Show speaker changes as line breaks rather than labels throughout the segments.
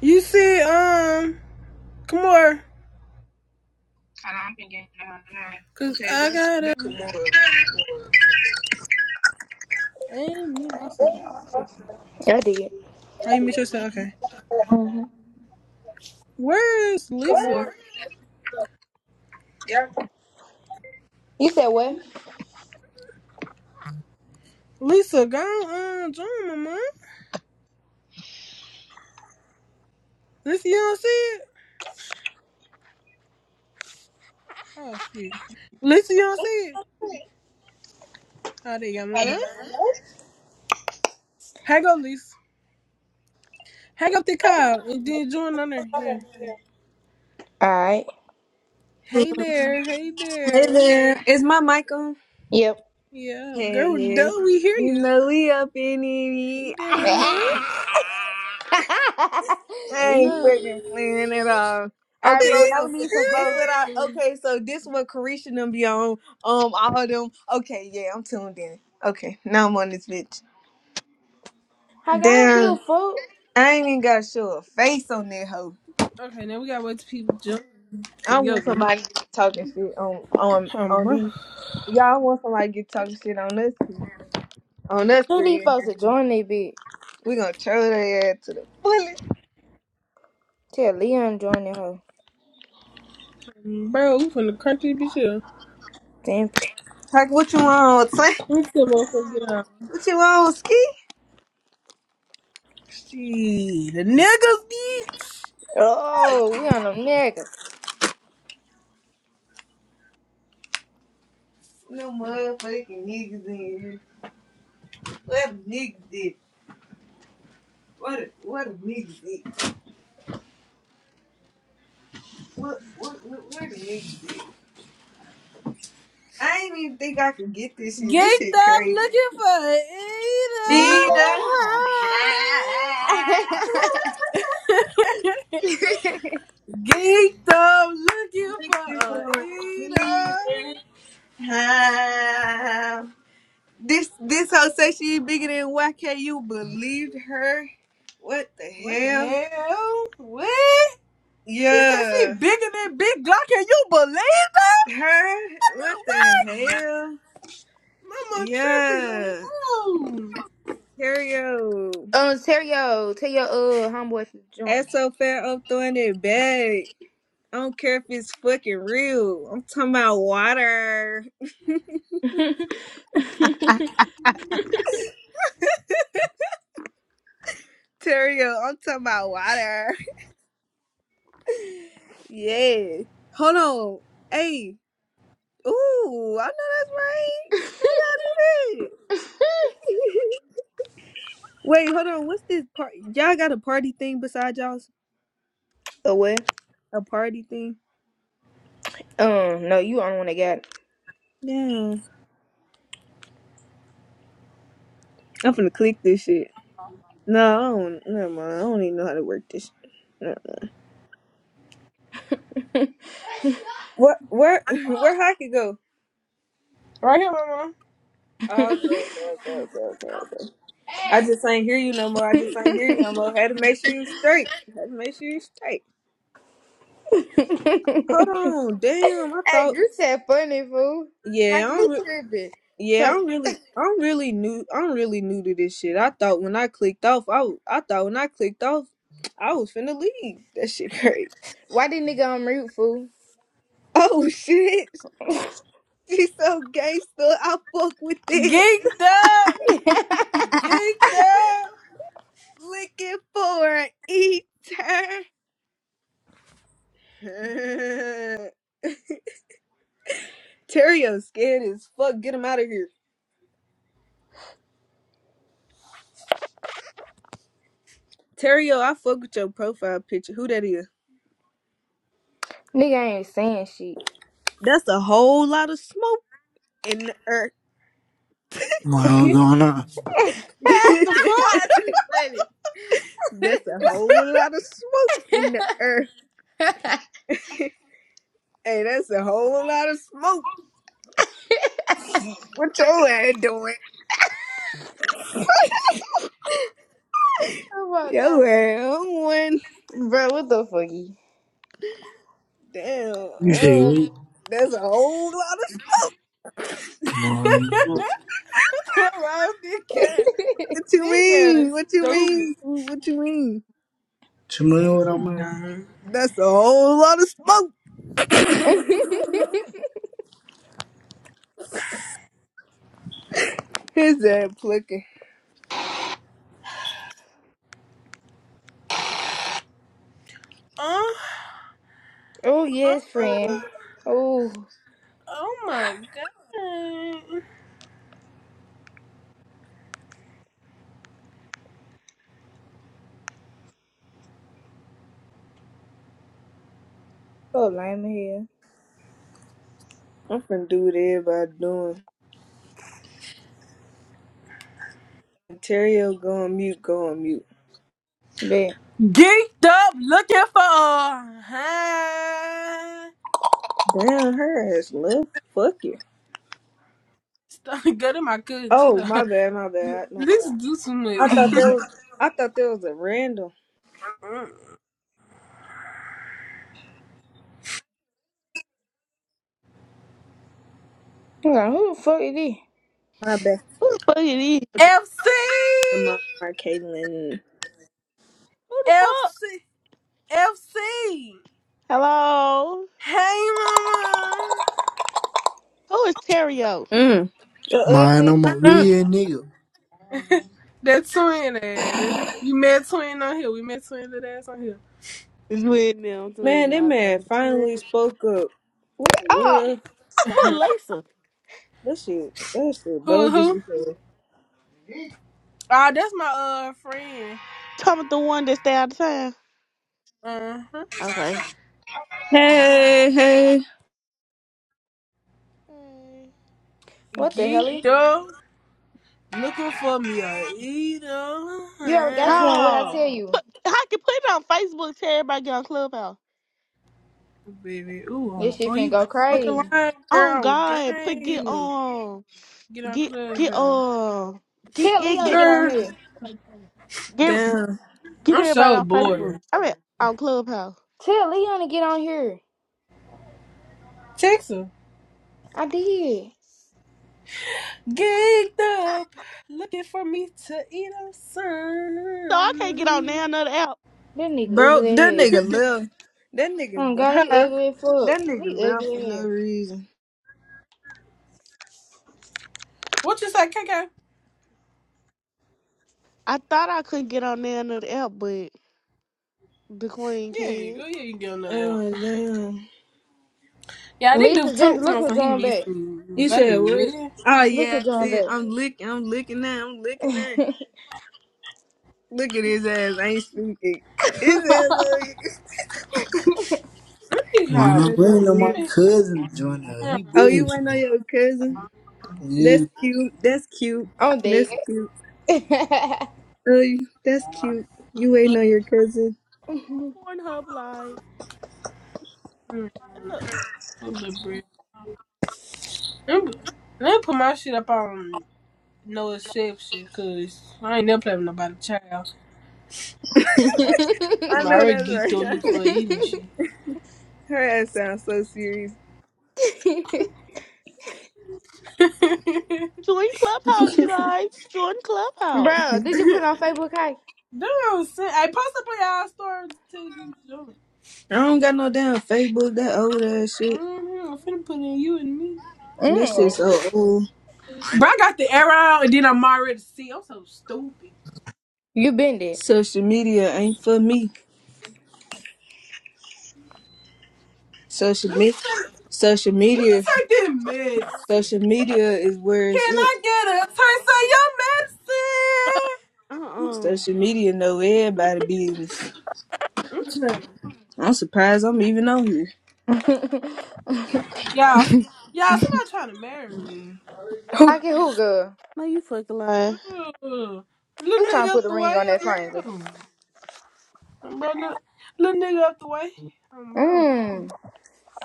You see, um, Kamar. Cause Okay, I got it. Kamar. I didn't mute myself.
I did.
Oh, you meet yourself? Okay.
hmm
Where is Lisa?
You said what?
Lisa, go um, join my mom. Lisa, you don't see it? Oh, shit. Lisa, you don't see it? Oh, there you go, mama. Hang up, Lisa. Hang up the call and then join on there. Yeah.
All right.
Hey there. Hey
Hey
there.
there, is my mic on?
Yep.
Yeah.
Hey,
Girl, do we hear
yeah. You
you.
know we up in
Hey
it.
there,
I
mama.
Ah! Dude.
Hey.
ain't
All
fucking playing at all.
right,
Okay,
bro. Now
so
we need some
this
folks.
what
Hey.
I
to-
okay, so this what Carisha and them be on. Um, all them. Okay, yeah, I'm tuned in. Okay, now I'm on this bitch.
Like, I don't give a
Damn,
fuck.
I ain't even gotta show a face on that hoe.
Okay, now we gotta wait till people jump. Cause
I
yo,
want somebody to get talking shit on on
um,
on
bro,
these. Y'all want somebody to get talking shit on us two- on us
Who
three
these
in
folks
here.
to join they bitch?
We gonna throw their ass to the fullest.
Tell Leon join that hoe.
bro, we from the country, bitch. Yeah.
Damn. it.
Like what you want, Slam?
We still motherfucker get out.
What you want, Ski?
Gee, the niggas bitch.
Oh, we on them niggas.
No motherfucking niggas in here. Where the niggas at? Where the, where the niggas at? What, what, what, where the niggas at? I ain't even think I could get this shit. This
Gaked
shit
up
crazy.
looking for
Nina!
Levi.
eater. Geeked up looking
Looking
for a
for it. Nina.
eater.
Ah. This, this hoe say she bigger than YKU. Believed her? What the
What the
hell?
hell? What? She said she
Yeah.
bigger than Big Glock. Can you believe that?
Her? What
What?
the hell?
Mama tripping on
Yeah.
moon.
Terrio.
Um, tell your, tell your, uh, homeboy to
That's
join.
so fair up throwing it back. I don't care if it's fucking real. I'm talking about water. Terrio, I'm talking about water. Yeah. Hold on. Hey. Ooh, I know that's right. Hold on a minute. Wait, hold on. What's this part? Y'all got a party thing besides y'all's
oh, what?
a party thing?
Um, no, you the only one that
Yeah. I'm finna click this shit. No, I don't, never mind. I don't even know how to work this. Never mind.
got
Where, where, where I could go?
Right here, mama.
Oh, okay, okay, okay, okay, okay, okay. I just ain't hear you no more. I just ain't hear you no more. Had to make sure you straight. Had to make sure you straight. Hold
it.
on, damn. I
Hey,
thought,
group chat funny, fool. How
yeah,
you
I'm, re-
tripping?
yeah,
So,
I'm really, I'm really new. I'm really new to this shit. I thought when I clicked off, I, w- I thought when I clicked off, I was finna leave. That shit hurt.
why did nigga on mute, fool?
Oh shit, she's so gangster. I fuck with it.
Geeked up. Geeked up.
looking for an eater. Terrio scared as fuck. Get him out of here. Terrio, I fuck with your profile picture. Who that is?
nigga ain't saying shit.
That's a whole lot of smoke in the earth.
Well,
she
gonna
What the fuck?
funny.
that's a whole lot of smoke in the earth. Hey, that's a whole lot of smoke. What your ass doing?
oh my god.
Yo ass I'm one.
Bro, what the fucky?
Damn.
you
Oh,
see we
that's a whole lot of.
mine.
Wow, dick ass.
What you
big ass
mean? What you
stupid.
mean? What you mean?
Tomorrow what I'm
That's a whole lot of smoke. His ass flicking.
Uh,
oh,
uh,
yes, friend. Oh,
oh my god.
so lame here.
I'm finna do what everybody doing. Ontario go on mute, go on mute.
Bet.
Geeked up looking for a high.
Damn, her ass left. Fuck you.
Stop go to my cousin. Chill
Oh, my
out.
bad, my bad. My bad.
Let's do some like
I thought
Hold
that was, I thought that was a random.
on, who the fuck is this?
My bad.
Who the fuck it is?
FC.
My, my Caitlin.
Who the fuck? Hello?
Hey, mama.
Who is Terrio?
Mm.
The
mine.
ugly.
I'm a
Mm.
real nigga.
That twin ass. That- We met twin on here. We met twin that ass on here.
It's with now. It's with
Man, that
now. Okay.
man
Who
finally spoke up. What the
Oh,
world?
is Lisa?
That shit, that shit
who
bogus.
who?
as hell.
Ah, that's my uh friend.
Talking about the one that stay out of town.
Uh huh.
Okay.
Hey, hey.
Hey.
what the hell?
Geeked
is-
up, looking for me a eater.
You already
Uh,
got you one. What I
Oh.
tell you?
I can put it on Facebook till everybody get on Clubhouse.
Baby, ooh, i
This shit
oh, you
finna go
ain't fucking
crazy.
lying,
Oh
girl.
God, put get
Game.
um
Get on
get get
clubhouse,
uh get
Tell
get
Leon to
get
get on
girl.
here.
get,
Damn.
get
I'm
everybody
so
on
bored.
Facebook. I mean on Clubhouse.
Tell Leon to get on here.
Text her.
I did.
Geeked up, looking for me to eat up
So I can't get on
some.
now another app.
That nigga
Bro,
ugly
that
as hell.
nigga left. That nigga,
Oh
le-
god, he
Huh?
ugly as fuck.
that nigga
He
left for
ugly as
no
hell.
reason.
What you say, K K?
I thought I couldn't get on now another app, but the Queen
Yeah,
can.
go yeah, you can get another out.
Oh damn!
Yeah, they do
Lisa,
twenty
just look
times
at
and he
John back.
missed me.
You
Baby,
said what?
where?
Oh
Look at
yeah,
John
see,
back.
I'm licking, I'm licking that, I'm licking that. Look at his ass. I ain't speaking. His ass, on, his
Mine. I'm
Anyhow,
ass
bringing
I'm,
on
on my
mute.
in shit.
cousin Junior. He
Oh, you
bullshit.
went on your cousin?
Yeah.
That's cute. That's cute.
I'm dead.
That's cute. Oh, you- that's cute. You ain't on your cousin.
Pornhub Live. Ugh.
Full of bread. Let me put my shit up on no exception, cause I ain't never playing with nobody child.
I
I'm
know
already
that's
geeked up
right.
look for eating shit.
Her ass sounds so serious.
Join Clubhouse, you guys. Join
Bro,
Clubhouse.
did you put on Facebook, Kai?
Damn, I'm I post up on y'all story to tell you jump.
I don't got no damn Facebook. That old ass shit.
Mm-hmm. I'm finna put in you and me.
This is
Mm.
so old.
But I got the arrow and then I'm already see. I'm so stupid.
You been dead.
Social media ain't for me. Social
Let me
media,
take,
social
let me
media,
take that
social
medicine.
media is where it's
Can
at.
I get a taste of
Uh uh
Social media know everybody business.
your medicine? I'm trying.
I'm surprised I'm even on here.
Y'all, s- y'all, somebody trying to marry me.
Whew.
I can who girl?
No, you fucking lying.
Girl,
Who
little nigga
trying to put
up
a
the
ring
way.
on that
I'm
finger?
bro. I'm bro. Little, little nigga up the way. I'm bro.
Mm.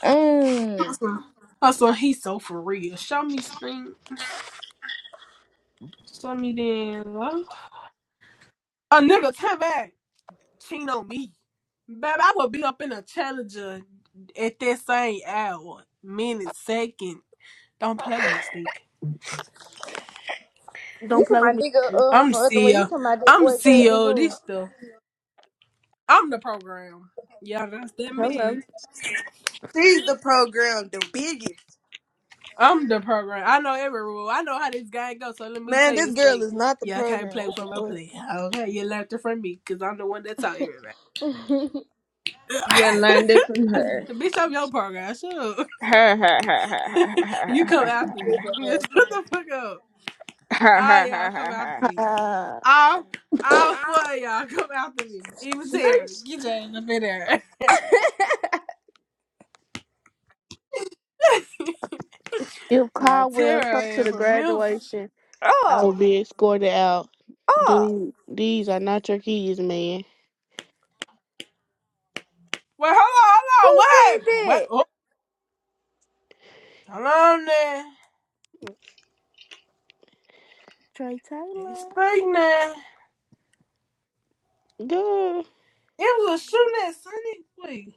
Mm.
Hustle, hustle. He's so for real. Show me stink. Show me then. love. A nigga, come back. cheat on me. Babe, I would be up in a challenger at that same hour, minute, second. Don't play with me, stink.
You
Don't
talking
play
my
with
nigga
me.
uh
I'm the
from other way. You
CEO.
talking my that
I'm the
boy cousin
CEO of
who?
this stuff. I'm the program. Yeah, that's that me.
Hello.
She's the program, the biggest.
I'm the program. I know every rule. I know how this guy goes. So let me tell
Man,
you,
this girl
stink.
is not the
Yeah, I can't
program.
play
What
with
the
my
fuck?
play. Okay, you learned it from me because I'm the one that taught everybody.
You gotta learn that from her.
Bitch, I'm your program. Shut up.
Her, her, her, her, her,
you
her,
come
her,
after me. Shut the fuck up.
her, her,
Ah,
her,
y'all
her,
come
her,
after
her.
me.
Uh,
All all four of y'all come after me. Even Terry.
if
Get your ass up in there. now
Caldwell comes
Terry
to
and
the
for milk.
graduation, I
Oh,
will be escorted out.
oh,
Dude, these are not your keys, man.
Wait, hold on, hold
who
on. What
said
happened? What
that?
oh, hold on there.
Trey
It's
Taylor.
straight now.
Good.
It was a shooting at Sunny. Wait.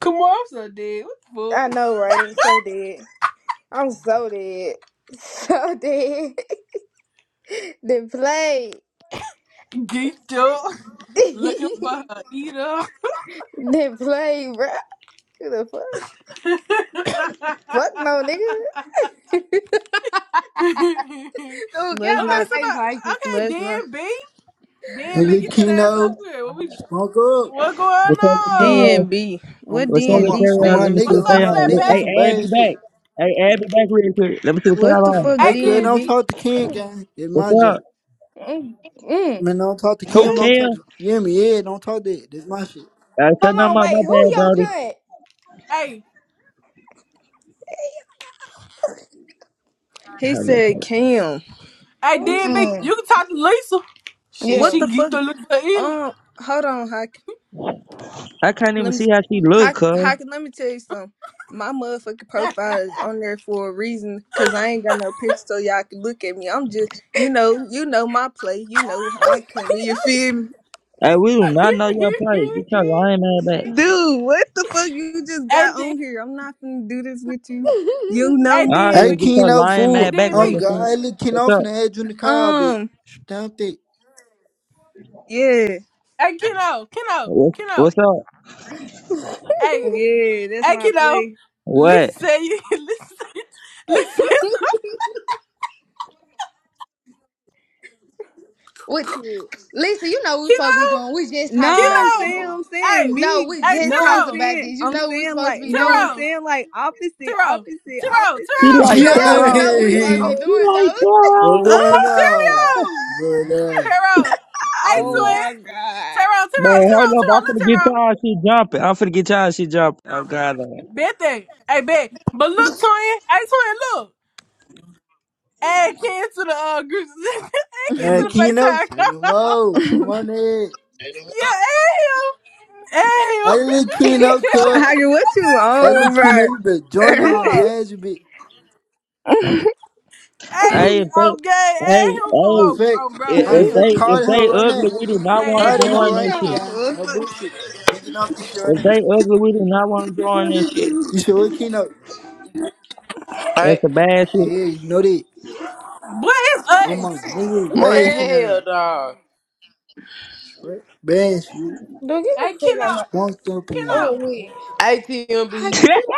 Come on, I'm so dead. What
I
the fuck?
know, right? So dead. I'm so dead. So dead. Then play.
Geeked up.
then
Looking for her eater.
play, bro. Who the fuck?
okay,
Fuck no, nigga.
somebody
Dude, get
Let's
out my
not,
face, like
okay,
let's not.
Dan B. Dan
Hey,
B,
Lil
get that ass up
Keno,
here. What we
smoke up.
What going
What's up with Terrell?
on?
DNB. What
I'm
What's up
I'm
with
a
DNB
I'm
Terrell?
a
Let me
stand
see
What's
for?
nigga.
what
I'm
up,
they
a
on.
nigga.
Look,
in
Hey,
Some
flatback?
bad
Abby
shit.
back. Hey, Abby back real quick. Let me see what
What
y'all
the
on.
fuck,
Hey,
Hey,
cuz
DB.
don't
DMV?
talk to Kim, gang. It's
What's
my
up?
shit.
mm, mm.
Man, don't talk to
Who,
Kim.
What?
Don't talk
Cam?
to you hear me. Yeah, don't talk that. That's my shit.
I said,
Hold
no,
on,
my, my
wait. Who
bad,
your
Brody.
judge?
Hey,
He
Hold up,
said
hold up.
Cam.
hey,
Oh,
DB.
Mm.
You can talk to Lisa. Shit,
Yeah.
What the
she
fuck?
geeked a little bit either.
Um, hold on, Hawk.
I can't even
Let me,
see how she look,
Hawk,
cuz.
Hawk, let me tell you something. My motherfucking profile is on there for a reason, cause I ain't got no picture so y'all can look at me. I'm just, you know, you know my play. You know how I'm coming. You feel me,
Hey, we do not know your price. Get your lying man back.
dude? What the fuck? You just
hey,
got
D.
on here. I'm not gonna do this with you. You know,
Hey,
All right,
Hey,
well,
DB.
get your
Keno,
lying
Hey,
fool.
man back, like
I'm
I
DB.
said.
God. Hey, Lil
What's
Keno, I'm
up?
finna add you in the
my,
car, bitch.
um,
Stamp it.
yeah,
Hey, kiddo. Kiddo.
What's,
Kiddo.
what's up?
Hey.
yeah, that's
Hey,
my
kiddo.
play.
Lisa
What?
said you. Lisa. said- Lisa.
With
shit.
Lisa, you know we supposed to be
Kiddo.
doing. We just talked
No, I'm
about this.
saying,
Kiddo.
fool.
I'm saying
Hey.
No,
me.
we
Hey,
just
No, I'm
talked
Tiro.
about
saying,
this. You
I'm
know we
saying
supposed to
like,
be
no, I'm
doing.
Tiro.
saying like opposite,
Tiro,
opposite,
Tiro,
She
opposite,
Tiro,
like
No,
opposite.
Tiro,
you know
Terrell.
what we supposed to
Yeah.
be
Oh,
she
doing
like
though.
What's going
oh,
Terrell.
on?
Tiro,
What's up?
Tiro. Hey,
oh
good?
twin.
my
Tiro,
Bro,
Tiro, Tiro,
hold up.
Tiro.
I'm
Look,
finna get
Tiro.
tired. She jumping. I'm finna get tired. She jumping. Oh, God.
Bet that. Hey, bet. But look, twin. Hey, twin, look. Add Ken to the uh, group. add Ken
Hey,
to the
Keno,
FaceTime
say no
call.
more. I'm
God.
on it.
yeah, add him. Add
I
him.
little
I'm in
Keno, cuz.
trouble.
Hagen, what you
Hey, little
on, bro?
Keno, you better join that when I
Oh,
ask you, bitch.
Hey,
Hey,
if they,
okay,
hey,
hey, him for
hey,
Matter of
oh,
fact,
bro, bro,
i-
matter
if
hey,
of
him.
they,
fact, call
if
the
they
hell right
ugly,
now.
we do not want to
Hey,
Call the
hey,
hell
join
him,
right
this
now,
shit.
y'all.
guy.
what
No bullshit. Picking off this shit right
If
now.
they ugly, we do not want to join this shit.
You said, what Keno?
I
That's a bad
Yeah,
shit.
you know that.
Boy, it's
I'm on
us.
niggas
What the
my
bashing
hell?
hell
that.
dog.
Straight bash you.
don't give a
Hey,
fuck
She
about my.
Keno,
Spunked up in here.
Oh,
Keno.
wait.
ATMB,
Huggy, you-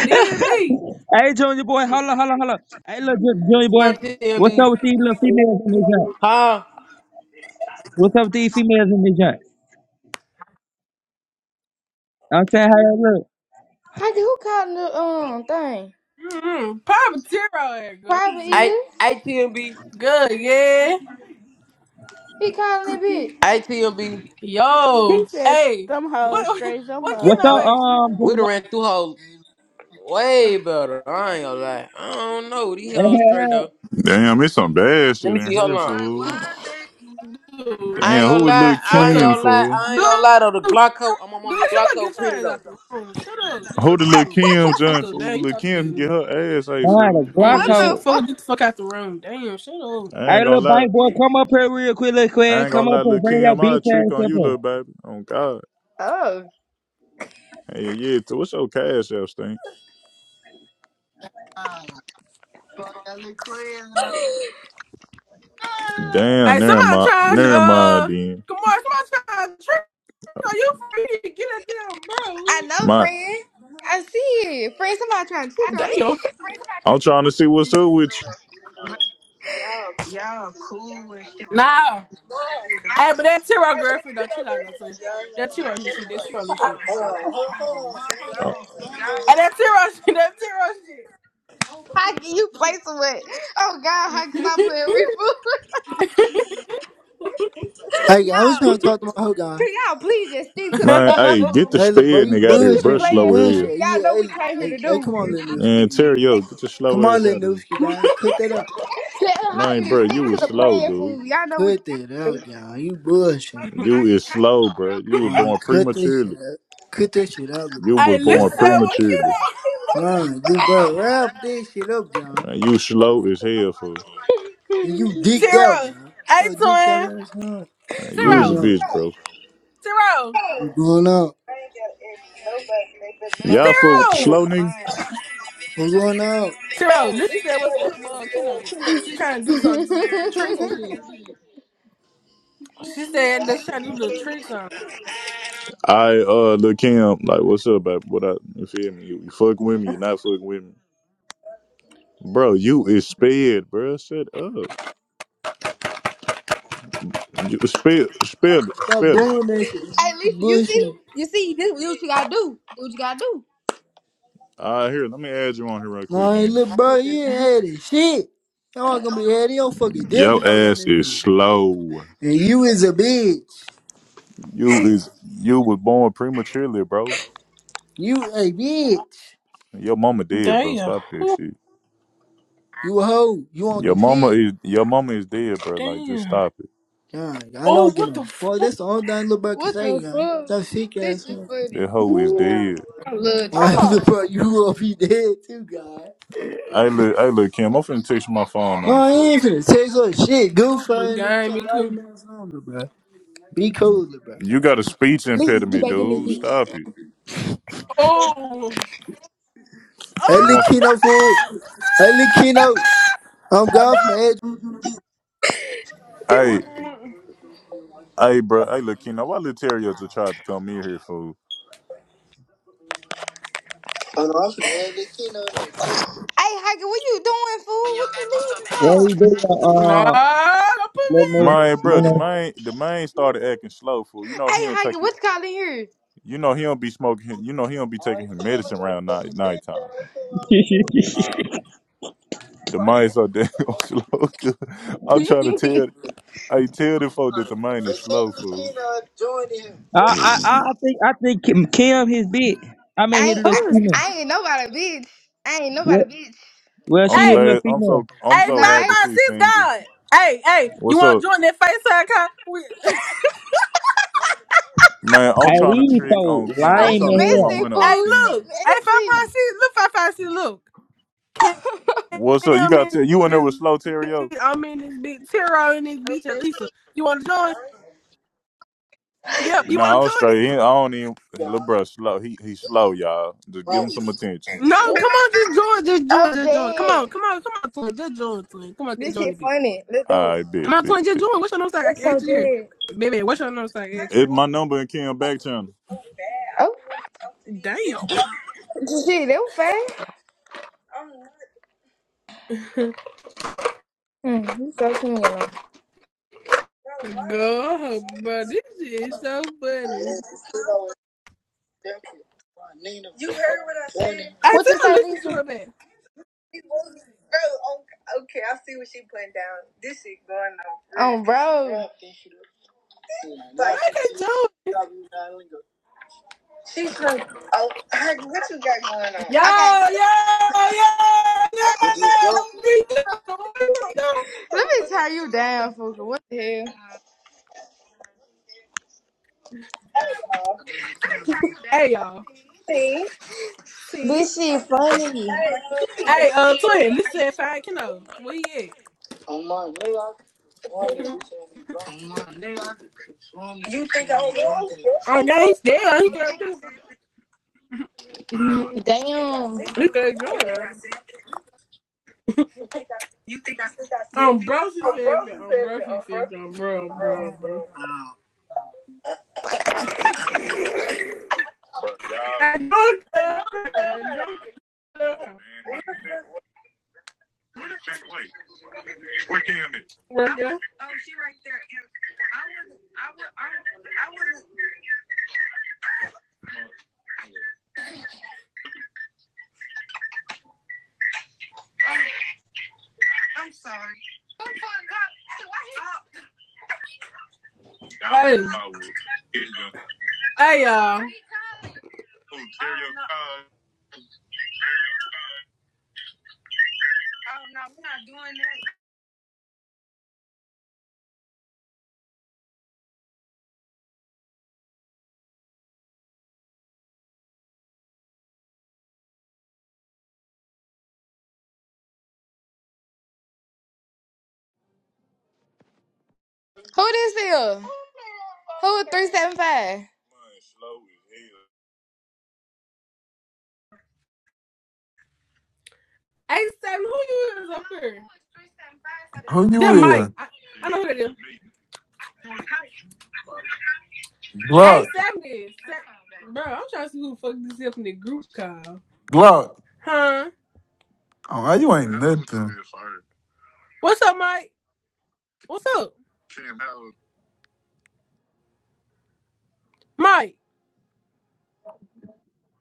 DB.
hey, Junior boy. Hold up, hold up, hold up. Hey, look, Ju- Junior boy. What's up
TMB,
with these little females in this joint?
huh?
What's up with these females in this joint? I'm saying, hey, look.
Huggy, who calling the um thing?
Mm-hmm. Papa Tiro girl.
Private
I
is
ATMB,
Good, yeah.
he calling it bitch?
ATMB.
He
Yo.
said,
Hey.
them hoes,
What
straight them
what you
What's
hoes,
up,
know
D.
it?
um,
We
Junior
done
boy?
ran through hoes way better. I ain't gonna lie. I don't know these
Hey,
hoes
hey,
straight
hey.
though.
Damn, it's some bad
Let
shit
me see.
in
Hold
here,
on.
fool.
Dude.
I ain't
Damn, who
gonna
would
Shut
lie.
Lil
the
I
fuck
ain't
up.
Kim,
gonna lie.
fool?
I ain't gonna lie though. The
Dude.
Glocko, I'm on the
Dude, shut up,
Glocko
get your
pretty
ass
though.
out the room. Shut up. Just
Who
shut
the
the fuck
Lil
up.
Kim
Shut the fuck
joint,
up. Damn,
fool?
you
Lil
talking to
Kim can
me.
get her ass, hey,
Mine,
fool.
a Glock
Damn,
What
just
hoe.
shut the
the
fuck
fuck?
up. Get the fuck out the room. Damn, shut up.
I
Hey,
ain't gonna
little
lie.
bank boy, come up here real quick, little
I
quick.
ain't
Come
gonna
up
lie,
here,
Lil
bring your
Kim, I'll
bitch
trick
ass
on
up
you,
here.
little baby. Oh, God.
Oh,
Hey, yeah, so what's your cash app, thing? Damn,
Hey,
never
somebody
mind.
charge,
Never mind,
uh,
then.
come Kamar, somebody charge Trick. Are you free? Get that damn
I know,
My,
friend. I see it, friend. Somebody trying to cheat on me.
bro. Damn.
I'm trying to see what's up with you.
Nah. Hey, but that Tiro girlfriend don't chill out no too. That Tiro and shit, that Tiro and shit.
Oh,
And that Tiro shit, that
Huggy, you play some way. Oh God, Huggy, stop playing with me. fool.
Hey, guy, I was
Y'all,
trying to talk to my hoe guy.
Can y'all please just
Tiro shit.
stick to the
man,
playing
hey, get
fool?
the
Hey, look, bro,
sped
you
nigga out of
stick
here,
to the
bruh,
bullshit. You
slow
playing fool.
here.
bullshit.
Y'all
Yeah,
know
hey,
we came here
hey,
to
hey
do.
come on, little Newski,
Man,
gang.
Terry, yo, get your
Come
slow
on,
ass out of
little
here.
Newski, gang. Cut that up.
Tell her how
Man,
to
bruh, you
stick to
was
the
slow,
plan,
dude.
fool. Y'all know we can
Cut that
do.
out, gang. You bullshit.
You is slow, bro. You was
Man,
born
cut this shit
prematurely.
up. Cut this shit out, little
You
bro. You
was
Hey, listen,
born
bullshit.
to what
prematurely.
you
Man, you bro, wrap this shit up, gang.
Uh, You slow as hell for.
And you
know?
dicked out,
Tiro.
gang.
Hey,
So dick that
twin.
ass up.
uh, You was a
Going
Tiro.
up.
bitch, bro.
Tiro.
You going up.
Y'all fuck with the slow
Tiro.
nigga.
I'm going up.
Tiro, listen to what what, what Kendall is. She trying to do some tricks and shit. She said they trying to do little tricks on.
I uh look Kim like, what's up, baby? What I you feel me? You, you fuck with me? You not fucking with me, bro? You is sped, bro. Shut up. You spell spell it
Stop
spell it.
doing that shit. You
Hey, Lisa, you see?
bullshit.
You see, this is what you gotta do. Do what you gotta do.
All right, here. Let me add you on here right quick,
Nah, hey,
then.
little bro, you ain't had it. Shit. Y'all gonna be had your fucking death
Your
note on
ass is
you.
slow.
And you is a bitch.
You is you was born prematurely, bro.
You a bitch.
Your mama dead, bro.
Damn.
Stop that
Oh,
shit.
You a hoe. You won't
Your
do
mama
shit.
is your mama is dead, bro. Like, just
damn.
stop it.
God, I
Oh,
don't get
what
no
the
fuck.
fuck?
That's the only thing little bro can
What
say,
the
guy.
fuck?
That sick
This
ass
is
man.
funny.
That hoe is
Yeah.
dead.
I love
Why
trolling.
Oh.
little bro, you gonna be dead too, God.
Hey, look, hey, look, Kim. I'm finna text you my phone
No,
number
I
for
ain't finna text or shit. Goof
You
ass nigga
got me
talk
come.
lame ass on little bro. Be
you.
cool, little bro.
You got a speech
Lisa, get
impediment,
back in this
dude.
bitch.
Stop it.
Oh.
Hey,
She
little
wants
Oh.
some.
Kino fool. Hey, little Kino. I'm golfing the edge.
That
Hey,
work. Hey,
hey, bro. Hey, look, Kim. Now, why little Terriers are trying to come in here, fool?
Hiker, what you doing, fool? What you leaving
What
for?
you do? Uh,
nah,
uh,
don't put me
let
in
me,
there,
My
mama.
bro, the
no, no.
main, the main started acting slow, fool. You
Hey,
know he don't take
Hiker,
it.
what's calling here?
You know he don't be smoking. his- You know he don't be taking his medicine around night nighttime. The mind so damn slow. 'cause I'm trying to tell. I tell the folk that the mind is slow, fool.
I, I, I I think, I think Kim, Kim his bitch. I mean,
I
his
ain't, I,
little
oh,
female.
I ain't nobody, bitch. I ain't nobody,
What?
bitch.
Well,
I'm
she his
Hey, hey,
little
glad. I'm
female.
so. I'm
five
so
Nice.
happy
five
she's
six
single.
God. Hey, hey, you
What's
want
up,
to join that FaceTime call? We-
man? I'm
Hey,
trying to
these
trick
folks
on King.
How
I'm
lame
you
trying to
in
spend my
hell.
messy,
money on
Hey,
fool?
King.
She
look. Hey, five five
messy.
six. Look, five five six. Look. Cam
What's up? You
I'm
got
in
to you in there
this.
with slow Terrio?
bitch. I'm in this bitch. Tiro in this bitch, Elisa. You want to join? Yep. You want
No,
to
I'm
join it?
straight. He, I don't even. Little bro, slow. He he slow, y'all. Just give him some attention.
No, come on, just join, just join,
I'm
just join. Come
dead.
on, come on, come on, twin, just join, twin. Come on, just
This
join the
shit
beat.
funny. Let's do it.
All right,
Come
bit
on,
bit
twin, just
bit.
join. What's your nose like? I
That's
can
so
answer here,
dead.
baby. What's your nose like? Answer.
It's my number in King back channel.
Oh,
right.
shit, They were fast.
Damn,
Hmm, you sure send me your number.
girl, bro, this shit is so funny. I
What you
tell
say,
listen
Lisa?
to
Um,
it, man.
bro. Okay, let
Why can't Joe? Yo, yo, yo, yo. What We
me
do.
turn you down, Fuka. What the hell?
Hey y'all, see,
This shit funny.
hey uh, twin, listen, fine, you know, where you at? Oh, no, he's there. He got to do it. He got to join
Damn.
us.
Who this
Um,
is?
bro, she said that. Um, bro, she said that. Um, bro, bro, bro. I don't know. I don't know. Where you? Hey. Hey, y'all.
Who is 375?
Hey, Sam, who you is up here?
Who you
That Mike.
with?
I, I know who that is. Hey,
Glock.
Sam is. Bro, I'm trying to see who the fuck this is up in the group call.
Glock.
Huh?
Oh, you ain't
How old
nothing.
is sorry? What's up, Mike? What's up, Kim, how old Mike?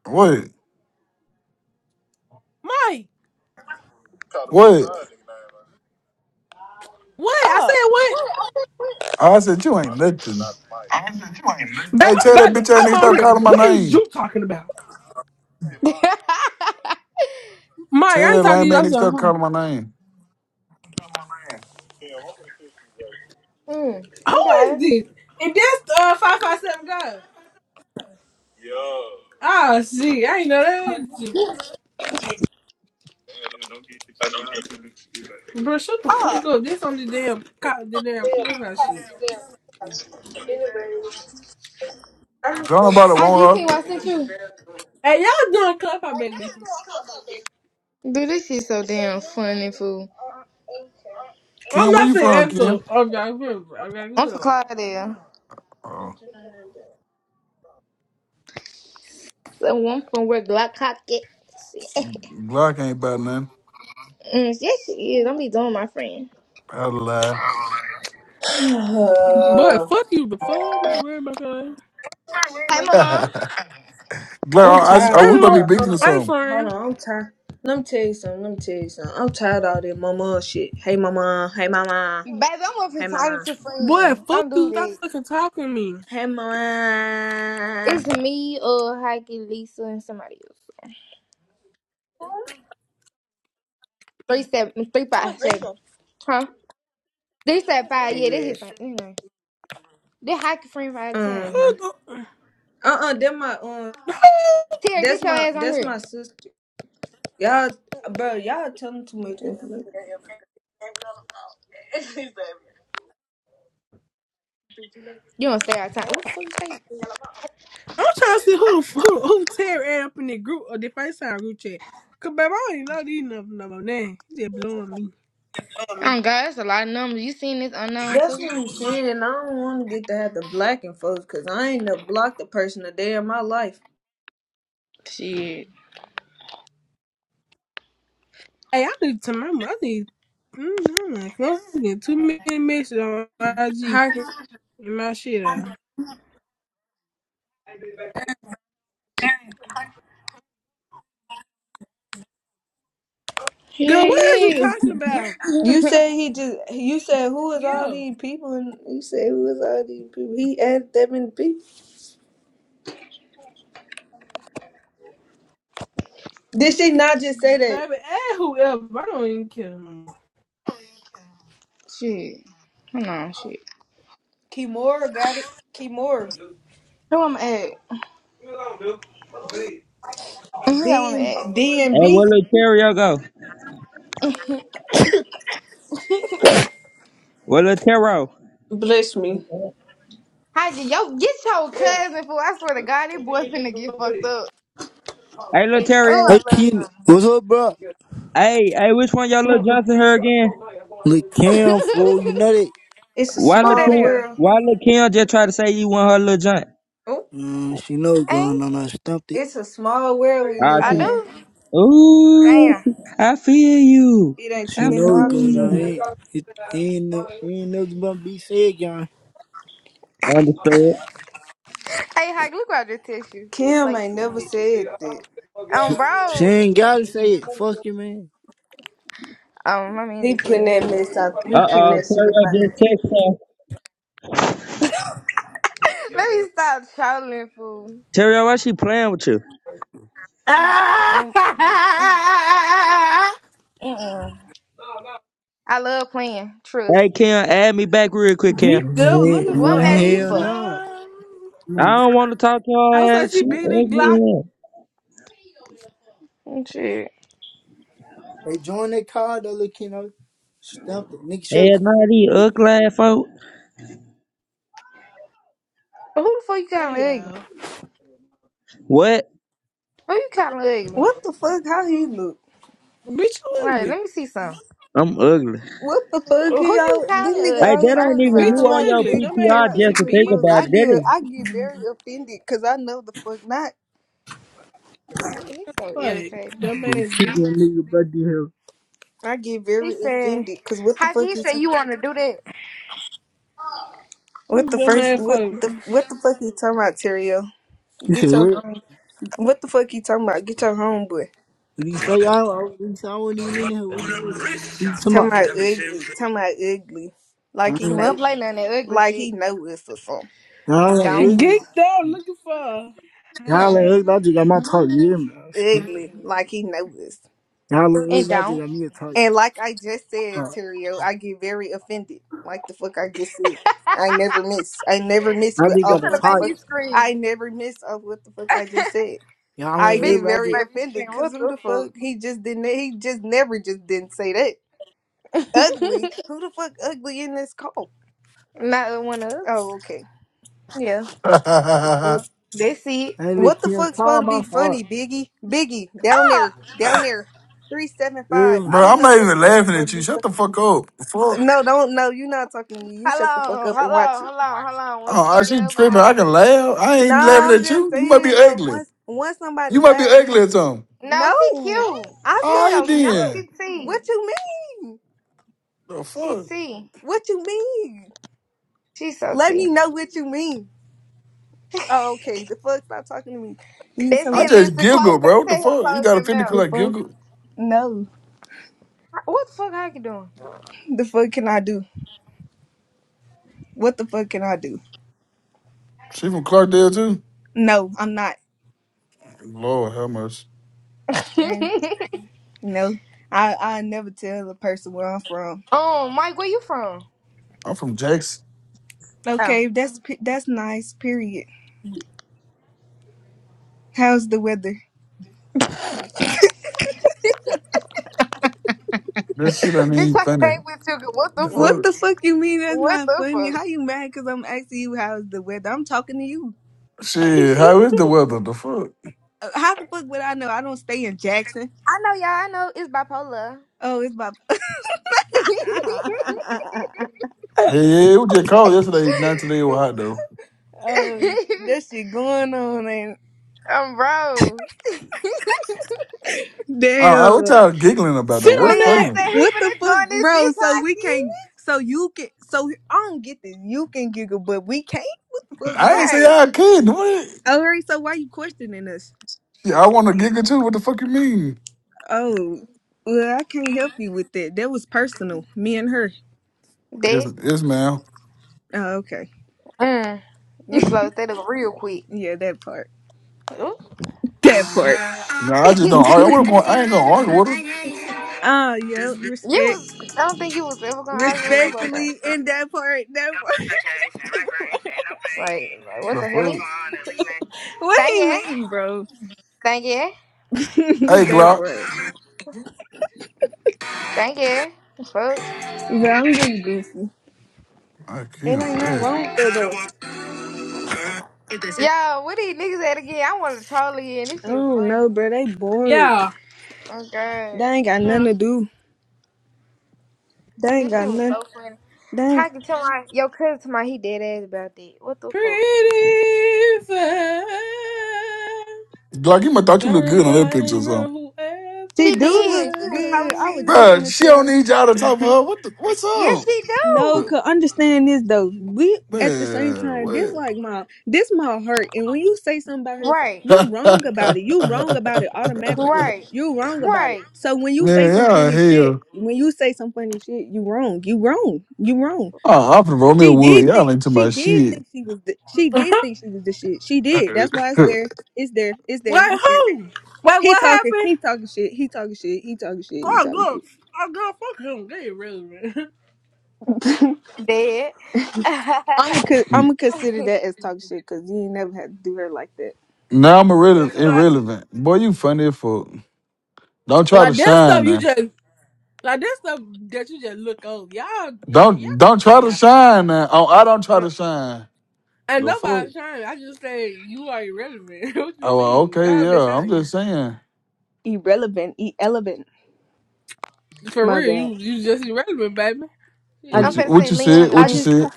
What?
Mike,
What?
what? I
Oh.
said what?
I said you ain't nothing.
I said you ain't nothing.
Baby,
Hey, tell that
baby,
bitch ass nigga
I'm
stop
on here.
calling my
What is
name.
you talking about, Mike?
Tell
I
that
ain't talking to
lame
you.
ass
I'm
nigga
sorry.
stop
Huh?
calling my name.
Mm,
Who is
okay.
this? And that's uh five five seven God. Yeah. Ah, see, I ain't know that. Yeah, don't get your side Bro, shut the fuck up. This on the damn the damn clubhouse shit.
Don't nobody
How can you
want her.
think what I sent you?
Hey, y'all doing clubhouse baby?
Dude, this shit so damn funny, fool.
I'm
Ken, where
not
you from,
finna
Ken?
echo. I'm not good. I'm not
I'm from
good.
Clydesdale.
Oh,
The one from where Glock Cop get.
shoot. Glock ain't about nothing.
Mm, yes, she is. Don't be doing my friend.
I lie.
Boy,
the? Uh,
fuck you. The fuck? I'm not worried about that.
Hey, my mom.
Glock,
I'm
I, I,
tired,
oh, we might
bro.
be
Anywho,
Hold
beating
on,
or
hey
something.
hold
friend.
on. I'm tired. Let me tell you something. Let me tell you something. I'm tired of all this mama shit. Hey mama. Hey mama.
Baby, I'm up here
Hey
talking
mama.
to
Boy,
friends.
fuck
Don't do
you. Stop
that.
fucking talking to me.
Hey mama.
It's me, uh, Heike, Lisa, and somebody else. Three seven three five seven, Huh? They said
Yeah,
five. Yeah, they
yeah.
hit. You know, they hockey friend by the time.
Uh-huh.
Who the,
Uh-uh, that my um
who,
Terry,
that's
get your
my
ass on
that's
here.
my sister. Y'all bro, y'all telling too much information.
You don't stay out of time. What the fuck you say?
I'm trying to see who the fuck who, who tear up in the group or the FaceTime group chat. Cause baby, I don't even know these numbers no more. Now you just blowing me.
Oh God, that's a lot of numbers. You seen this unknown
That's
too?
what I'm saying. I don't wanna get to have the blacking folks cause I ain't never blocked a person a day in my life.
Shit.
Hey, I need to my mother. I need. Mm, I'm like, I'm getting too many messages on IG
How can
and my shit out. Girl,
Yeah,
what is you
yeah.
talking about?
you said he just you said who is all
Yeah,
these people and you said who is all these people. He added that many people. Did she not just say that
baby, and whoever. I don't even care. no more.
Shit. Hold on, shit.
Kimora got it? Kimora.
Who I'm at? Who y'all
D
want me
and
at?
D
Hey,
and B.
where little Terrio go? Where little Terrio?
Bless me.
How did yo get your cousin fool? I swear to God, this boy finna get fucked up.
Hey, little
Oh,
Terrio.
Hey,
I love.
Kino. What's up, bro?
Hey, hey, which one y'all little Johnson her again?
Look, Cam, fool, you know that.
It's a
Why
Who
little
that
small
Kim?
is?
world.
Why little Kim just try to say you want her little Johnson?
Oh.
Mm, she know what's going
Ain't
on. I stumped it.
It's a small world we
Ah,
live
I
she,
in.
do?
Ooh,
Damn.
I feel you.
It ain't too
I
She
many
know
feel
what's going
options out
on.
you.
here.
Ain't, it, ain't, no, ain't nothing but be said, y'all.
I understand.
Hey, Hike, look what I just text you. He
Kim
played
ain't
too
never said that.
Um,
She
bro.
ain't gotta say it. Fuck you, man.
Um, my man
He
just hit
putting
me.
that mess out. He
Uh
putting
oh,
that shit
Terrio
about
just
me.
text her.
Let me stop trolling, fool.
Terrio, why she playing with you?
Um,
Geeked
bi- I love playing. Trust.
Hey, Kim, add me back real quick, Kim.
up
Yeah,
looking for
What I'm
well,
mad at you
hell
for?
nah.
her.
I
Mm.
don't want to talk to
How's
her
I
ass.
see
She
Big Dick
ugly
Glock?
ass.
Shit.
They join that car, though, look, you know. Stumped it. Nigga, shut
Hell, not these ugly ass folk.
Who the fuck you calling
Hey
ugly?
y'all,
What?
Who you calling ugly?
What the fuck? How he look?
Bitch you
Right,
ugly.
let me see something.
I'm ugly.
What the fuck?
Who
He
you
all this
calling
nigga
Hey,
ugly?
that
always
First
trying
ain't
to
of
say
even you
Bitch
all,
you
on
somebody
your
ugly.
they
Dumb
can come
ass
PTR
out
pussy
just to
ugly
think
first.
bitch.
about
I
it. That
get
is
I get very offended because I know the fuck not.
he's so
Fuck.
irritating.
Dumb
you.
ass
Keep that
bitch.
nigga buddy hell.
I get
He
very
said,
offended because what the
"How can
fuck
he say
is
you want to do that?
what the
Dumb
first
ass
what
fuck.
the what the fuck you talking about, Terrio?
You
Get
said,
your
what?
home. What the fuck you talking about? Get your homeboy.
What do you say? I, I, say, I wasn't even in here. What do you say? What You talking
Talking
about?
about ugly. Talking about ugly.
I
Like he
We
ain't,
don't
know
play none of that ugly
like
shit.
he know us or something.
I ain't
Don't
really.
Geeked up looking for her.
I ain't really. I just got my talk, yeah, man.
Ugly. Like he know us.
Y'all look real
and
magic
don't,
on me a type.
And like I just said,
Uh,
Terrio, I get very offended. Like the fuck I just said. I never miss. I never miss with
bitch.
magic
You
of
got a
finna
what the
make
type.
fuck
me scream,
I never miss of what the fuck I just said.
Y'all
I
look
bitch.
real
get
You
very
magic.
finna make me
offended
scream.
because
What
who
the
the
fuck?
fuck he just didn't he just never just didn't say that. Ugly. Who the fuck ugly in this call?
Not one of
Oh,
us.
okay.
Yeah.
Bro,
That's it.
I ain't look
What the
can't
fuck's
call
supposed to
my
be funny,
heart.
Biggie? Biggie, down
Fuck.
there, down there, three seven five.
Um,
I don't
I'm
know
not
what the
even
fuck's
laughing
supposed
at
to
you.
be.
Shut the
fu-
fuck up. Fuck.
no, don't. No, you're not talking to me. You
Hold
shut the fuck
on,
up and
hold
watch
on,
it.
hold on, hold on. We
Oh,
ain't
I
finna
she
get up on all
tripping. I can
that.
laugh. I ain't
Nah,
laughing
I'm
at
just
you. You might be
saying though.
ugly.
Once, once somebody
You might be
laughs, you
ugly or something.
No, she
no.
cute.
I
She
All
said
right
so
no.
cute.
then.
She T.
What you mean?
The
She
fuck?
T.
What you mean?
She so
Let
T.
me know what you mean. Oh, okay. The fuck, stop talking to me. You
That's
so
I
it,
much.
just
Lisa. Close
giggle,
that.
bro. What the
Tell him
fuck? You
close
got a
that
pentacle
mouth.
The
like
fuck?
giggle?
No.
What the fuck are you
The fuck can I do? What the fuck can I do?
She from Clarkdale too?
No, I'm not.
Lord how much?
doing?
No, I I never tell a person where I'm from.
um, Mike, where you from?
I'm from Jackson.
Oh.
Okay, that's pe- that's nice. Period. How's the weather?
That shit ain't
Bitch,
even
I
funny.
came with you. What
What the
the
What
fuck?
the
fuck?
fuck you mean? That's
What
not
the
funny.
fuck?
How you mad? Cause I'm asking you how's the weather. I'm talking to you.
Shit, how is the weather? The fuck?
Uh, How the fuck would I know? I don't stay in Jackson.
I know y'all. I know it's bipolar.
Oh, it's about
Hey, yeah, it was just cold yesterday. Not today it was hot though.
uh, that shit going on and
um, bro.
I, I, what
damn.
y'all giggling about though?
Sit
What's
on
Leon
it.
funny?
said he
What the
finna join
fuck,
this
bro?
bitch
So we can't.
hockey.
So you can. So I don't get this. You can giggle, but we can't. What the
I
fuck?
ain't say
Right.
I couldn't. What? Shit,
All right, so why you questioning us?
I want to giggle too. What the fuck you mean?
Oh, well, I can't help you with that. That was personal, me and her.
Yes,
That.
yes, ma'am.
Oh, okay.
Mm. You closed that up real quick.
Yeah, that part.
Ooh.
That part.
No, I just
you
don't. argue. I, wouldn't go- I ain't gonna argue with her.
Oh, yeah, respect.
was. I don't think you was ever gonna argue with her about that.
Respectfully, in that part, that part.
Like, like what
The
the hell? he?
fuck?
What
Thank
he
you.
mean, bro?
Thank you.
Hey,
that
Glock.
part.
Thank you. Fuck.
Bro, I'm just goofy.
I
It
can't
ain't nothing
bad.
wrong with that, though.
Yo, what these niggas at again? I want to troll again. This
I
shit was
don't
funny.
know, bro. They bored.
Yeah.
Oh
They
god.
ain't got nothing
Huh.
to do. They ain't
This shit
got
was
nothing.
so funny.
They ain't...
How can tell my yo cousin to my he dead ass about that? What the fuck?
Pretty fast.
Like you might thought you looked good
Shining
on that
light
picture or something.
on
She
She
do look
did. She was
whoever
good. I
so
was
cheap.
just
wins.
Bruh,
finna
she
tell
don't
her.
need y'all to talk for her. What the what's
Yes,
up?
she
No,
do.
cause understand this though. We at the same
Man,
time,
what?
this like my this my hurt. And when you say something about it,
Right,
you wrong about it. You wrong about it automatically.
right,
You wrong about it.
right.
So when you say
Man,
some
y'all
funny shit,
hell.
when you say some funny shit, you wrong. You wrong. You wrong.
Oh, I'm finna roll me a
She
wood.
did
Y'all
think
ain't to
she
my
did
shit.
think she was the, she did think she was the shit. She
now
did. That's why it's there. It's there. It's
Wait,
there. You see it.
who? Wait,
He
what
talking.
happened?
He talking shit. He talking shit. He talking shit. He
Oh,
talking
girl.
shit.
Oh, girl, fuck him. They irrelevant.
Dead. I'm
I'm gonna I'm
I'm
gonna consider that as talking shit because you ain't never had to do her like that.
yeah,
irrele-
'cause like,
irrelevant. Boy, you funny as fuck. Don't try to
like that
shine
stuff you
now.
just, like that stuff that you just look over. Y'all, y- y- y'all
Don't
come
don't
there,
try to
y'all.
shine now. Oh, I don't try
Right.
to shine.
And
The fuck?
nobody's shining. I just say you are irrelevant. what you
Oh, well,
mean?
okay,
Y'all just
yeah. I'm
shining.
just saying.
irrelevant, irrelevant.
For
My
real,
bad.
you you just irrelevant, baby.
I
What you
Yeah.
finna
what
see
you
Leon
said?
the
I
What you
link.
just t-
said?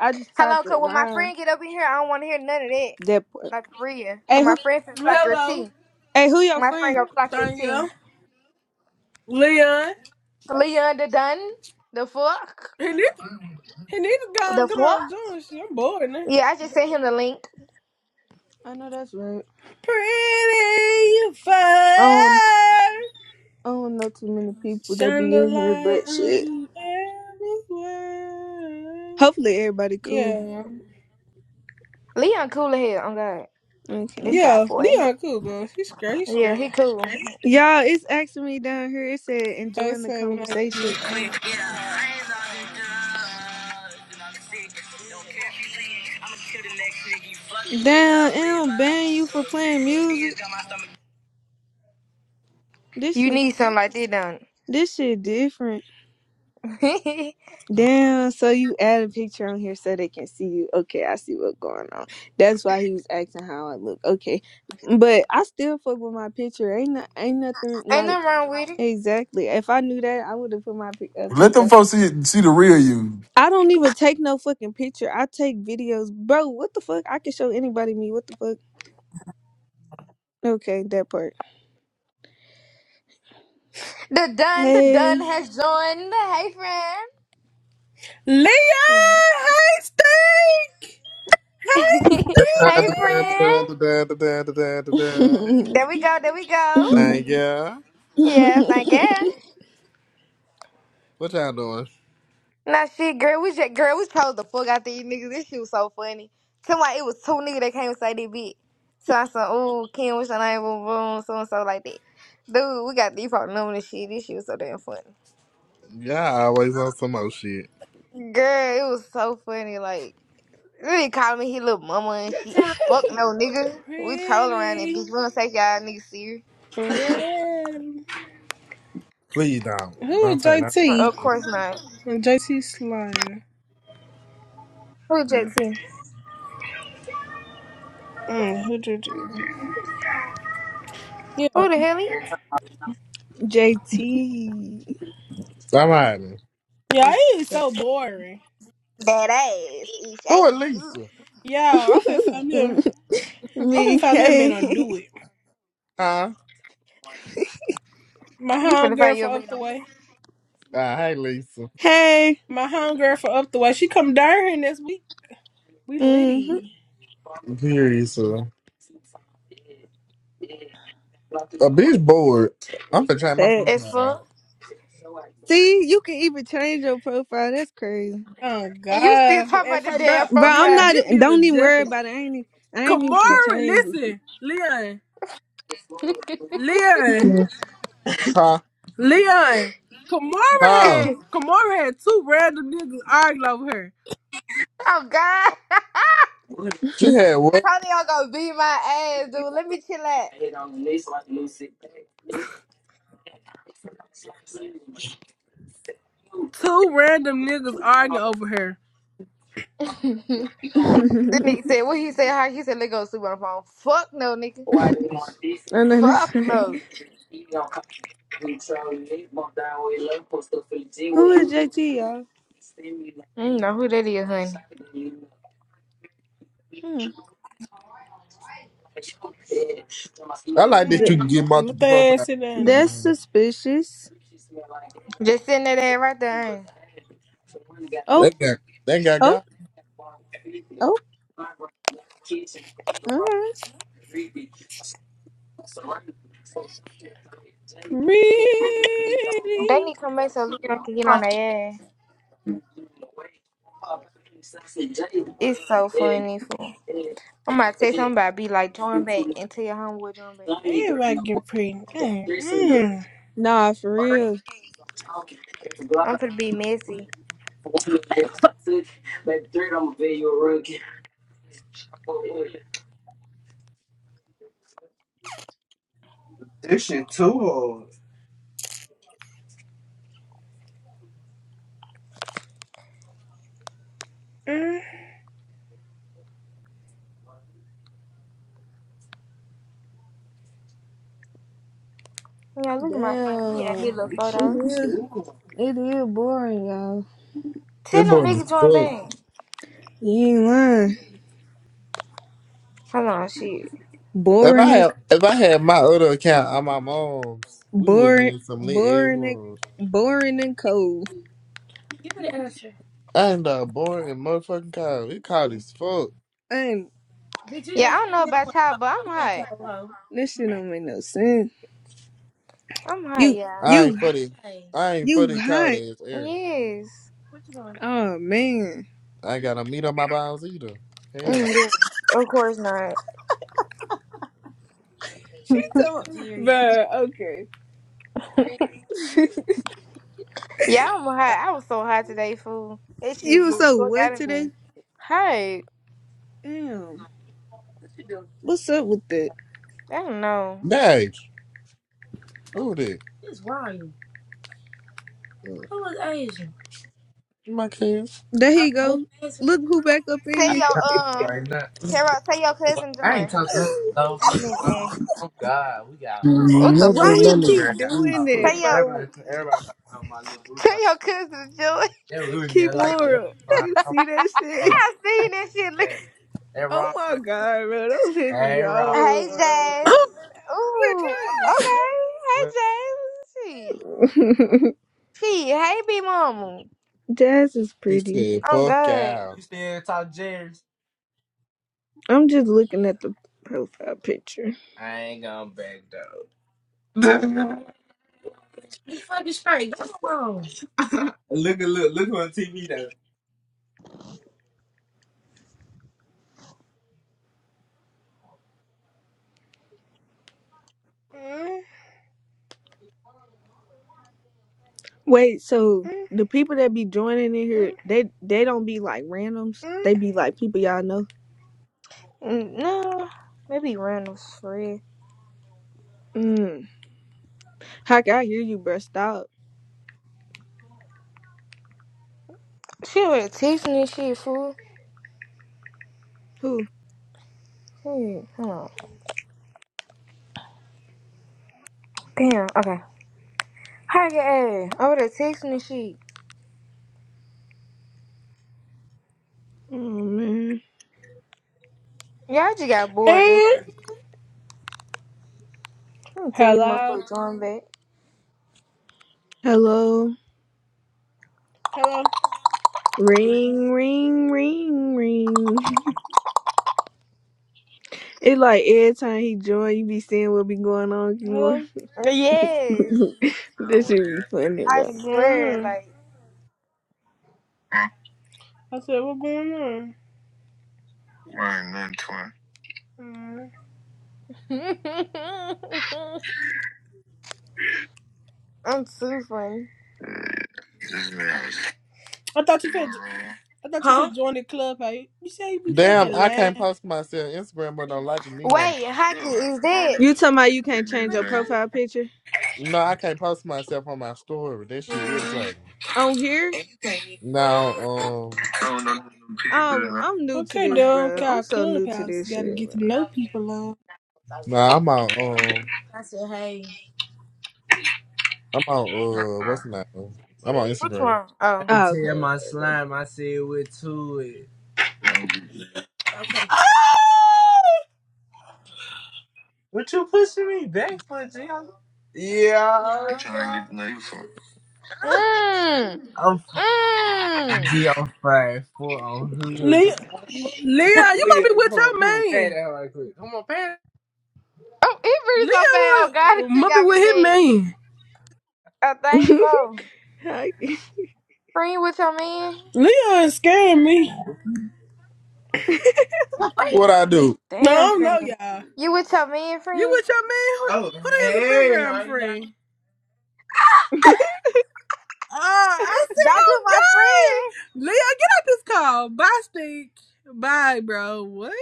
I just
Hello,
typed
cause
it
when my
rhyme.
friend get up in here, I don't wanna hear none of that.
That part.
Like for real. Cause
Hey
my
who
friend finna clock your
Hello.
tea.
hey who your
My friend
friend?
gonna clock your tea.
Danielle, Leon,
Leon the done. The fuck?
and this, and this guy,
The
come
fuck?
on, John, shit, I'm bored now.
Yeah, I just sent him the link.
I know that's right.
Pretty
I don't
fire,
I don't know too many people that
shine
be
the
in here,
light
but
on
shit.
whoever's world.
Hopefully everybody cool.
Yeah,
Leon cool as hell. Oh god. This
Okay.
side
yeah,
boy.
Leon cool, bro. He's great, he's
Yeah,
great.
he cool.
Y'all, it's asking me down here. It said
They
enjoying the
say when I
conversation.
get
Damn, it don't ban you for playing music. This
You
shit,
need something like that don't you?
this shit different. Damn, so you add a picture on here so they can see you. Okay, I see what's going on. That's why he was asking how I look. Okay. But I still fuck with my picture. Ain't no, ain't nothing
Ain't
like
nothing wrong with it.
exactly. If I knew that, I would have put my pic- uh,
Let them
picture.
folks see see the real you.
I don't even take no fucking picture. I take videos. Bro, what the fuck? I can show anybody me. What the fuck? Okay, that part.
The done, the
Hey.
done has joined. Hey friend.
Leon, hey, stink, hey, stinky,
hey, friend. There we go. There we go.
Thank ya.
Yeah, thank God.
JT.
What y'all doing?
Now, shit, girl, we just, girl, we told the fuck out these niggas. This shit was so funny. Tell me, it was two niggas that came and say they bit. So I said, ooh, Kim, what's your name? Boom, boom, so and so like that. Dude, we got these problem number and shit. This shit was so damn funny.
Y'all always on some old shit.
Girl, it was so funny. Like, really calling me his little mama and shit. Fuck no, nigga. We troll around that
pretty
bitch. We don't take y'all niggas serious.
friend.
Please don't.
Who
Don't
is
take nothing.
JT?
Of course not.
JT Slime.
Who JT?
Mm, who did you? Yeah.
Who the hell he?
I'm hiding.
Yeah, it is
Yes.
so boring.
That ass. Eat
Who is
shade.
Lisa?
Yeah, I'm finna find me a, I'm
me.
finna find me a man to
Hey.
do it.
Huh?
My
You finna
homegirl
find your
from
man
up the way.
Ah, hey, Lisa.
Hey.
My homegirl from up the way. She come down here next week. We
Mm-hmm.
litty.
Period, sir. A bitch bored. I'm finna change my
as
Thanks.
profile.
fuck.
See, you can even change your profile. That's crazy.
Oh
And you still
God.
talking
And
about the
for bro,
damn
Bro, I'm
profile
Leon,
not
this
e,
shit.
bitch was
don't even worry
jumping.
about it. I ain't e- I ain't even
Kamara,
finna change
listen. Leon. Leon.
it.
Huh?
Leon. Kamara
Huh?
had Kamara had two random niggas arguing over her.
Oh god.
She had what?
Tony I'm gonna beat my ass, dude. Let me chill out.
Two random niggas arguing over her.
Then nigga said what he said, how he said, let go sleep on the phone. Fuck no, nigga.
I know that's
Fuck
right.
no.
Who is JT, y'all?
You know who that is, honey.
Hmm.
I like that
Th-
Mm,
you can get
Look
multiple
that
profile
ass sit
pictures
down
on
now.
that's
there.
suspicious.
Just sitting that ass right there. Ain't. it?
Oh,
That guy, that guy
oh,
got
oh, okay.
Pretty.
They need to come back so Leon can get on their ass. It's so funny, fool. I'm about to say something about be like join back and tell your homeboy join back.
Everybody get pretty. Mm, mm,
Nah, for real.
I'm finna be messy.
This shit too hard.
mm.
You know, look at my friend. He had
Damn.
his little
This shit
It
photo.
is
too hard.
it is boring, y'all.
that
Tell them
boy
niggas
is
join
fuck.
bang.
You ain't lying.
Hold on, shit.
If I
Boring
had, if I had my other account on my mom's, we would have been
Boring,
in some lit ass
boring,
rooms.
and, boring and cold.
Give me the answer. I ended up bored and motherfucking cold. It cold as fuck.
And
you You
Yeah, I
just
don't know
know
about
what
y'all,
cold.
but I'm
You ain't
hot.
cold, hoe?
this shit don't make no sense.
I'm hot,
You,
y'all.
I
you,
ain't for the, Hey. I ain't for the
you
cold
hot.
ass air.
Yes.
What you doing?
Oh man,
I ain't got a meat on my bones either. Hell no.
Mm, yeah. Of course not.
she told,
Jerry's.
but okay.
Yeah, I'm hot. I was so hot today, fool. That shit
You were
blew the
so
fuck out
wet
of me.
today.
Hey,
Damn, what's up with that?
I don't know.
Nah. Who did? It's lying. Mm. Who is Asia? My kids.
There
Uh,
he
Who's
go.
Asia?
Look who back up
Tell
I
in
your um,
right now.
Carol, tell your cousin
I
join.
ain't talked to her so
I
here.
fucking
mean,
long.
eh.
Oh God, we got
What
me and
the
mm,
fuck?
Why
my
he
phone
you-
nothing,
girl
keep
got
doing
talk.
that,
nothing.
Tell your
bro?
Everybody, everybody thought about my little boo
tell
thought
your cousin to join.
they were in
Keep
there like that.
moral.
Everybody,
You see that
I'm like,
shit?
I
oh,
seen that shit. Lisa.
yeah, that
Oh
wrong
my
right there.
god, bro! Don't piss me
Hey, wrong.
Hey,
off,
Jazz.
Oh,
Ooh,
good time.
okay.
bro.
Hey, Jazz. Shit. She, hey, B mama.
Jazz is
He
pretty.
said,
I'm
"Buck
good.
out." You still talk Jerry's?
I'm just looking at the profile picture.
I ain't gonna back down. That's wrong. look at look look on TV though.
Mm,
Wait, so
mm,
the people that be joining in here,
mm,
they they don't be like randoms.
mm.
They be like people y'all know.
Mm, No, maybe Randall's free.
Mm. Heck, I hear you, bro. Stop.
She would have texted me shit, fool.
Who?
Shit, hold on. Damn, okay. Hi, your I would have texted me shit.
Oh man.
Y'all just got bored this
And
week. I'm gonna tell these
hello,
motherfuckers join back.
Hello.
hello,
Ring, ring, ring, ring. it like every time he join, you be seeing what be going on with you more.
hello.
Yes,
this should be funny,
I
bro.
What's going
swear,
on?
like.
Huh? I said, what's going on? Right, nothing, twin. Mm.
I'm too funny.
Just me. I thought you could. I thought you
Huh?
could join the club. How you, you say you be
Damn,
fucking
I can't
lying?
post myself on Instagram, but don't like me no more.
Wait, Hockey,
Club, I
is that?
400
You talking about you
people in
can't
there,
change
Chris
your
Jane.
Jenner?
profile picture
No, I can't post myself on my story. That shit irritating.
on here?
No,
I don't know
um,
them people. You
Um,
know?
I'm new to
Okay,
this,
dog.
bro. I'm
Call
so new to
Clubhouse.
this
Gotta
shit,
get to
bro.
know people, love.
no, I'm on, um, I said, hey. I'm on,
Nah,
uh, what's the name? I'm on
Which
Instagram.
one?
I
Oh.
Oh,
tell my slime, I said what to it.
don't get that.
Okay. What you pushing me back for, G?
I'm
Yeah,
trying to
okay.
get to know you for.
Mmm.
I'm fr-
Mmm.
G, I'm five foot on hood.
Leah, Leah, you must be
Leah,
with
come on,
your
come on, pat
man.
that right quick. Come on, pat
Oh, it pretty so bad. Oh God, it
Leah
shit
must be
got
with
me
his
dead.
man.
I think so.
okay.
Friend, you with your man?
Leah is scaring me.
that. hard. What I do?
No, I
Damn,
don't know,
friend.
y'all.
You with your man,
You
friend?
with your man? Who, who that is the background friend? Uh, I
Don't do my
said, okay. Leah, get out this call. Bye, Stink. Bye, bro. What?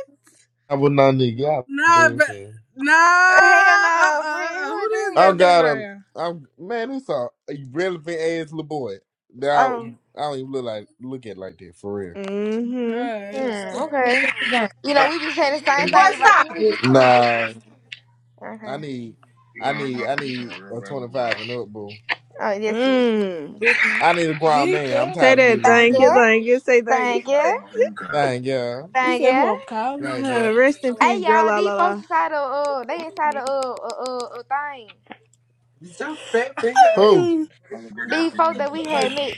I would not need y'all
Nah, but
bullshit.
nah,
friend. Hell
uh, uh,
no,
uh,
friend.
uh,
Who
who
is
is
I
that?
that
got a,
background?
I'm man. It's a, a relevant ass little boy. Now
Oh.
I don't even look like look at it like that for real.
mm-hmm.
Uh,
Hmm. Okay. You know
Uh,
we be saying the same
Boy,
thing about the
stop it.
niggas too,
Nah,
but.
I
Okay.
need, I need,
geeked
I need a twenty five and up, boo.
Oh, this is
Mm.
this is.
I need a grown man. I'm
up.
Say
tired of
that.
dealing with
Thank
Thank you.
kids.
you.
Thank you. Say thank
Thank you.
You got.
Thank you,
You
Thank
said who
you.
I'm calling?
thank you.
you. Rest in
Hey
peace, girl.
y'all,
La la
these folks
la.
inside of uh, they inside of uh, uh, uh, uh thing.
Is your fat finger Who?
These folks that we had met.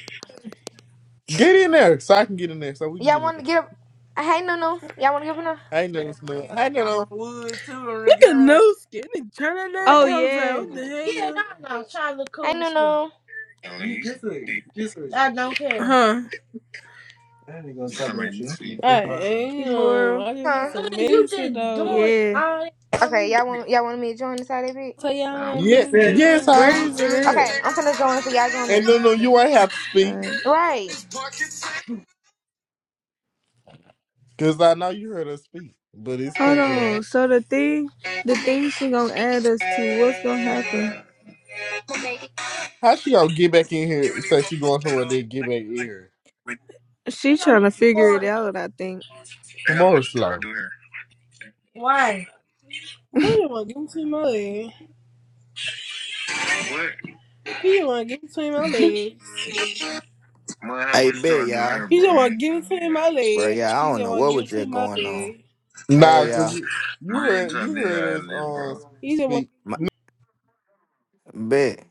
Get in there so I can get in there so we can
Y'all
get in
want to
there.
get up? Hey, no, no. Y'all want to get up No,
I ain't never smelled. I ain't never on wood too on the
Look at
girl.
no skin. Turn on that
Oh
Oh.
profile.
yeah,
What the
Yeah,
hell?
no, no. Try to look cool
Hey,
and
no,
shit.
no.
At
You
least.
kiss it. kiss it. I don't care.
Huh?
I ain't gonna talk
Somebody
about
you
you. I'm
see?
gonna
I
take my thing.
am.
Kimura.
I just want
Huh?
Cause
some
you
medicine
just doing all
though.
Yeah.
that for no
Okay,
reason.
y'all want y'all want me to join the side of it?
So y'all ain't been
Yeah, yes,
Where
how?
What
is it at?
Okay, I'm finna join, so y'all join
And no,
me.
no, you ain't have to speak
Alright.
Right.
because I know you heard her speak, but it's
Hold
cool though.
on. So the thing, the thing she gonna add us to, what's gonna happen?
How she gonna get back in here and say she going somewhere then get back in here? They
She
don't do
trying to
it
figure it
for
out. I think.
the hell would you
Tomorrow's
try
slow.
to.
Why?
What you want? to Give me some money. What? You want to give it between my legs. Man, how
Hey,
much you
bet
trying to do
y'all,
here, You just bro? want to give it between my
bro,
legs.
yeah, I
You
don't
just
know
want to
what
give it
was just
between my
going on.
legs.
Nah,
Hey,
cause
y'all,
you
Man,
you
I ain't
heard
trying
you
to hear
heard
how I
us
live,
um
bro. You just
speak
my, bet.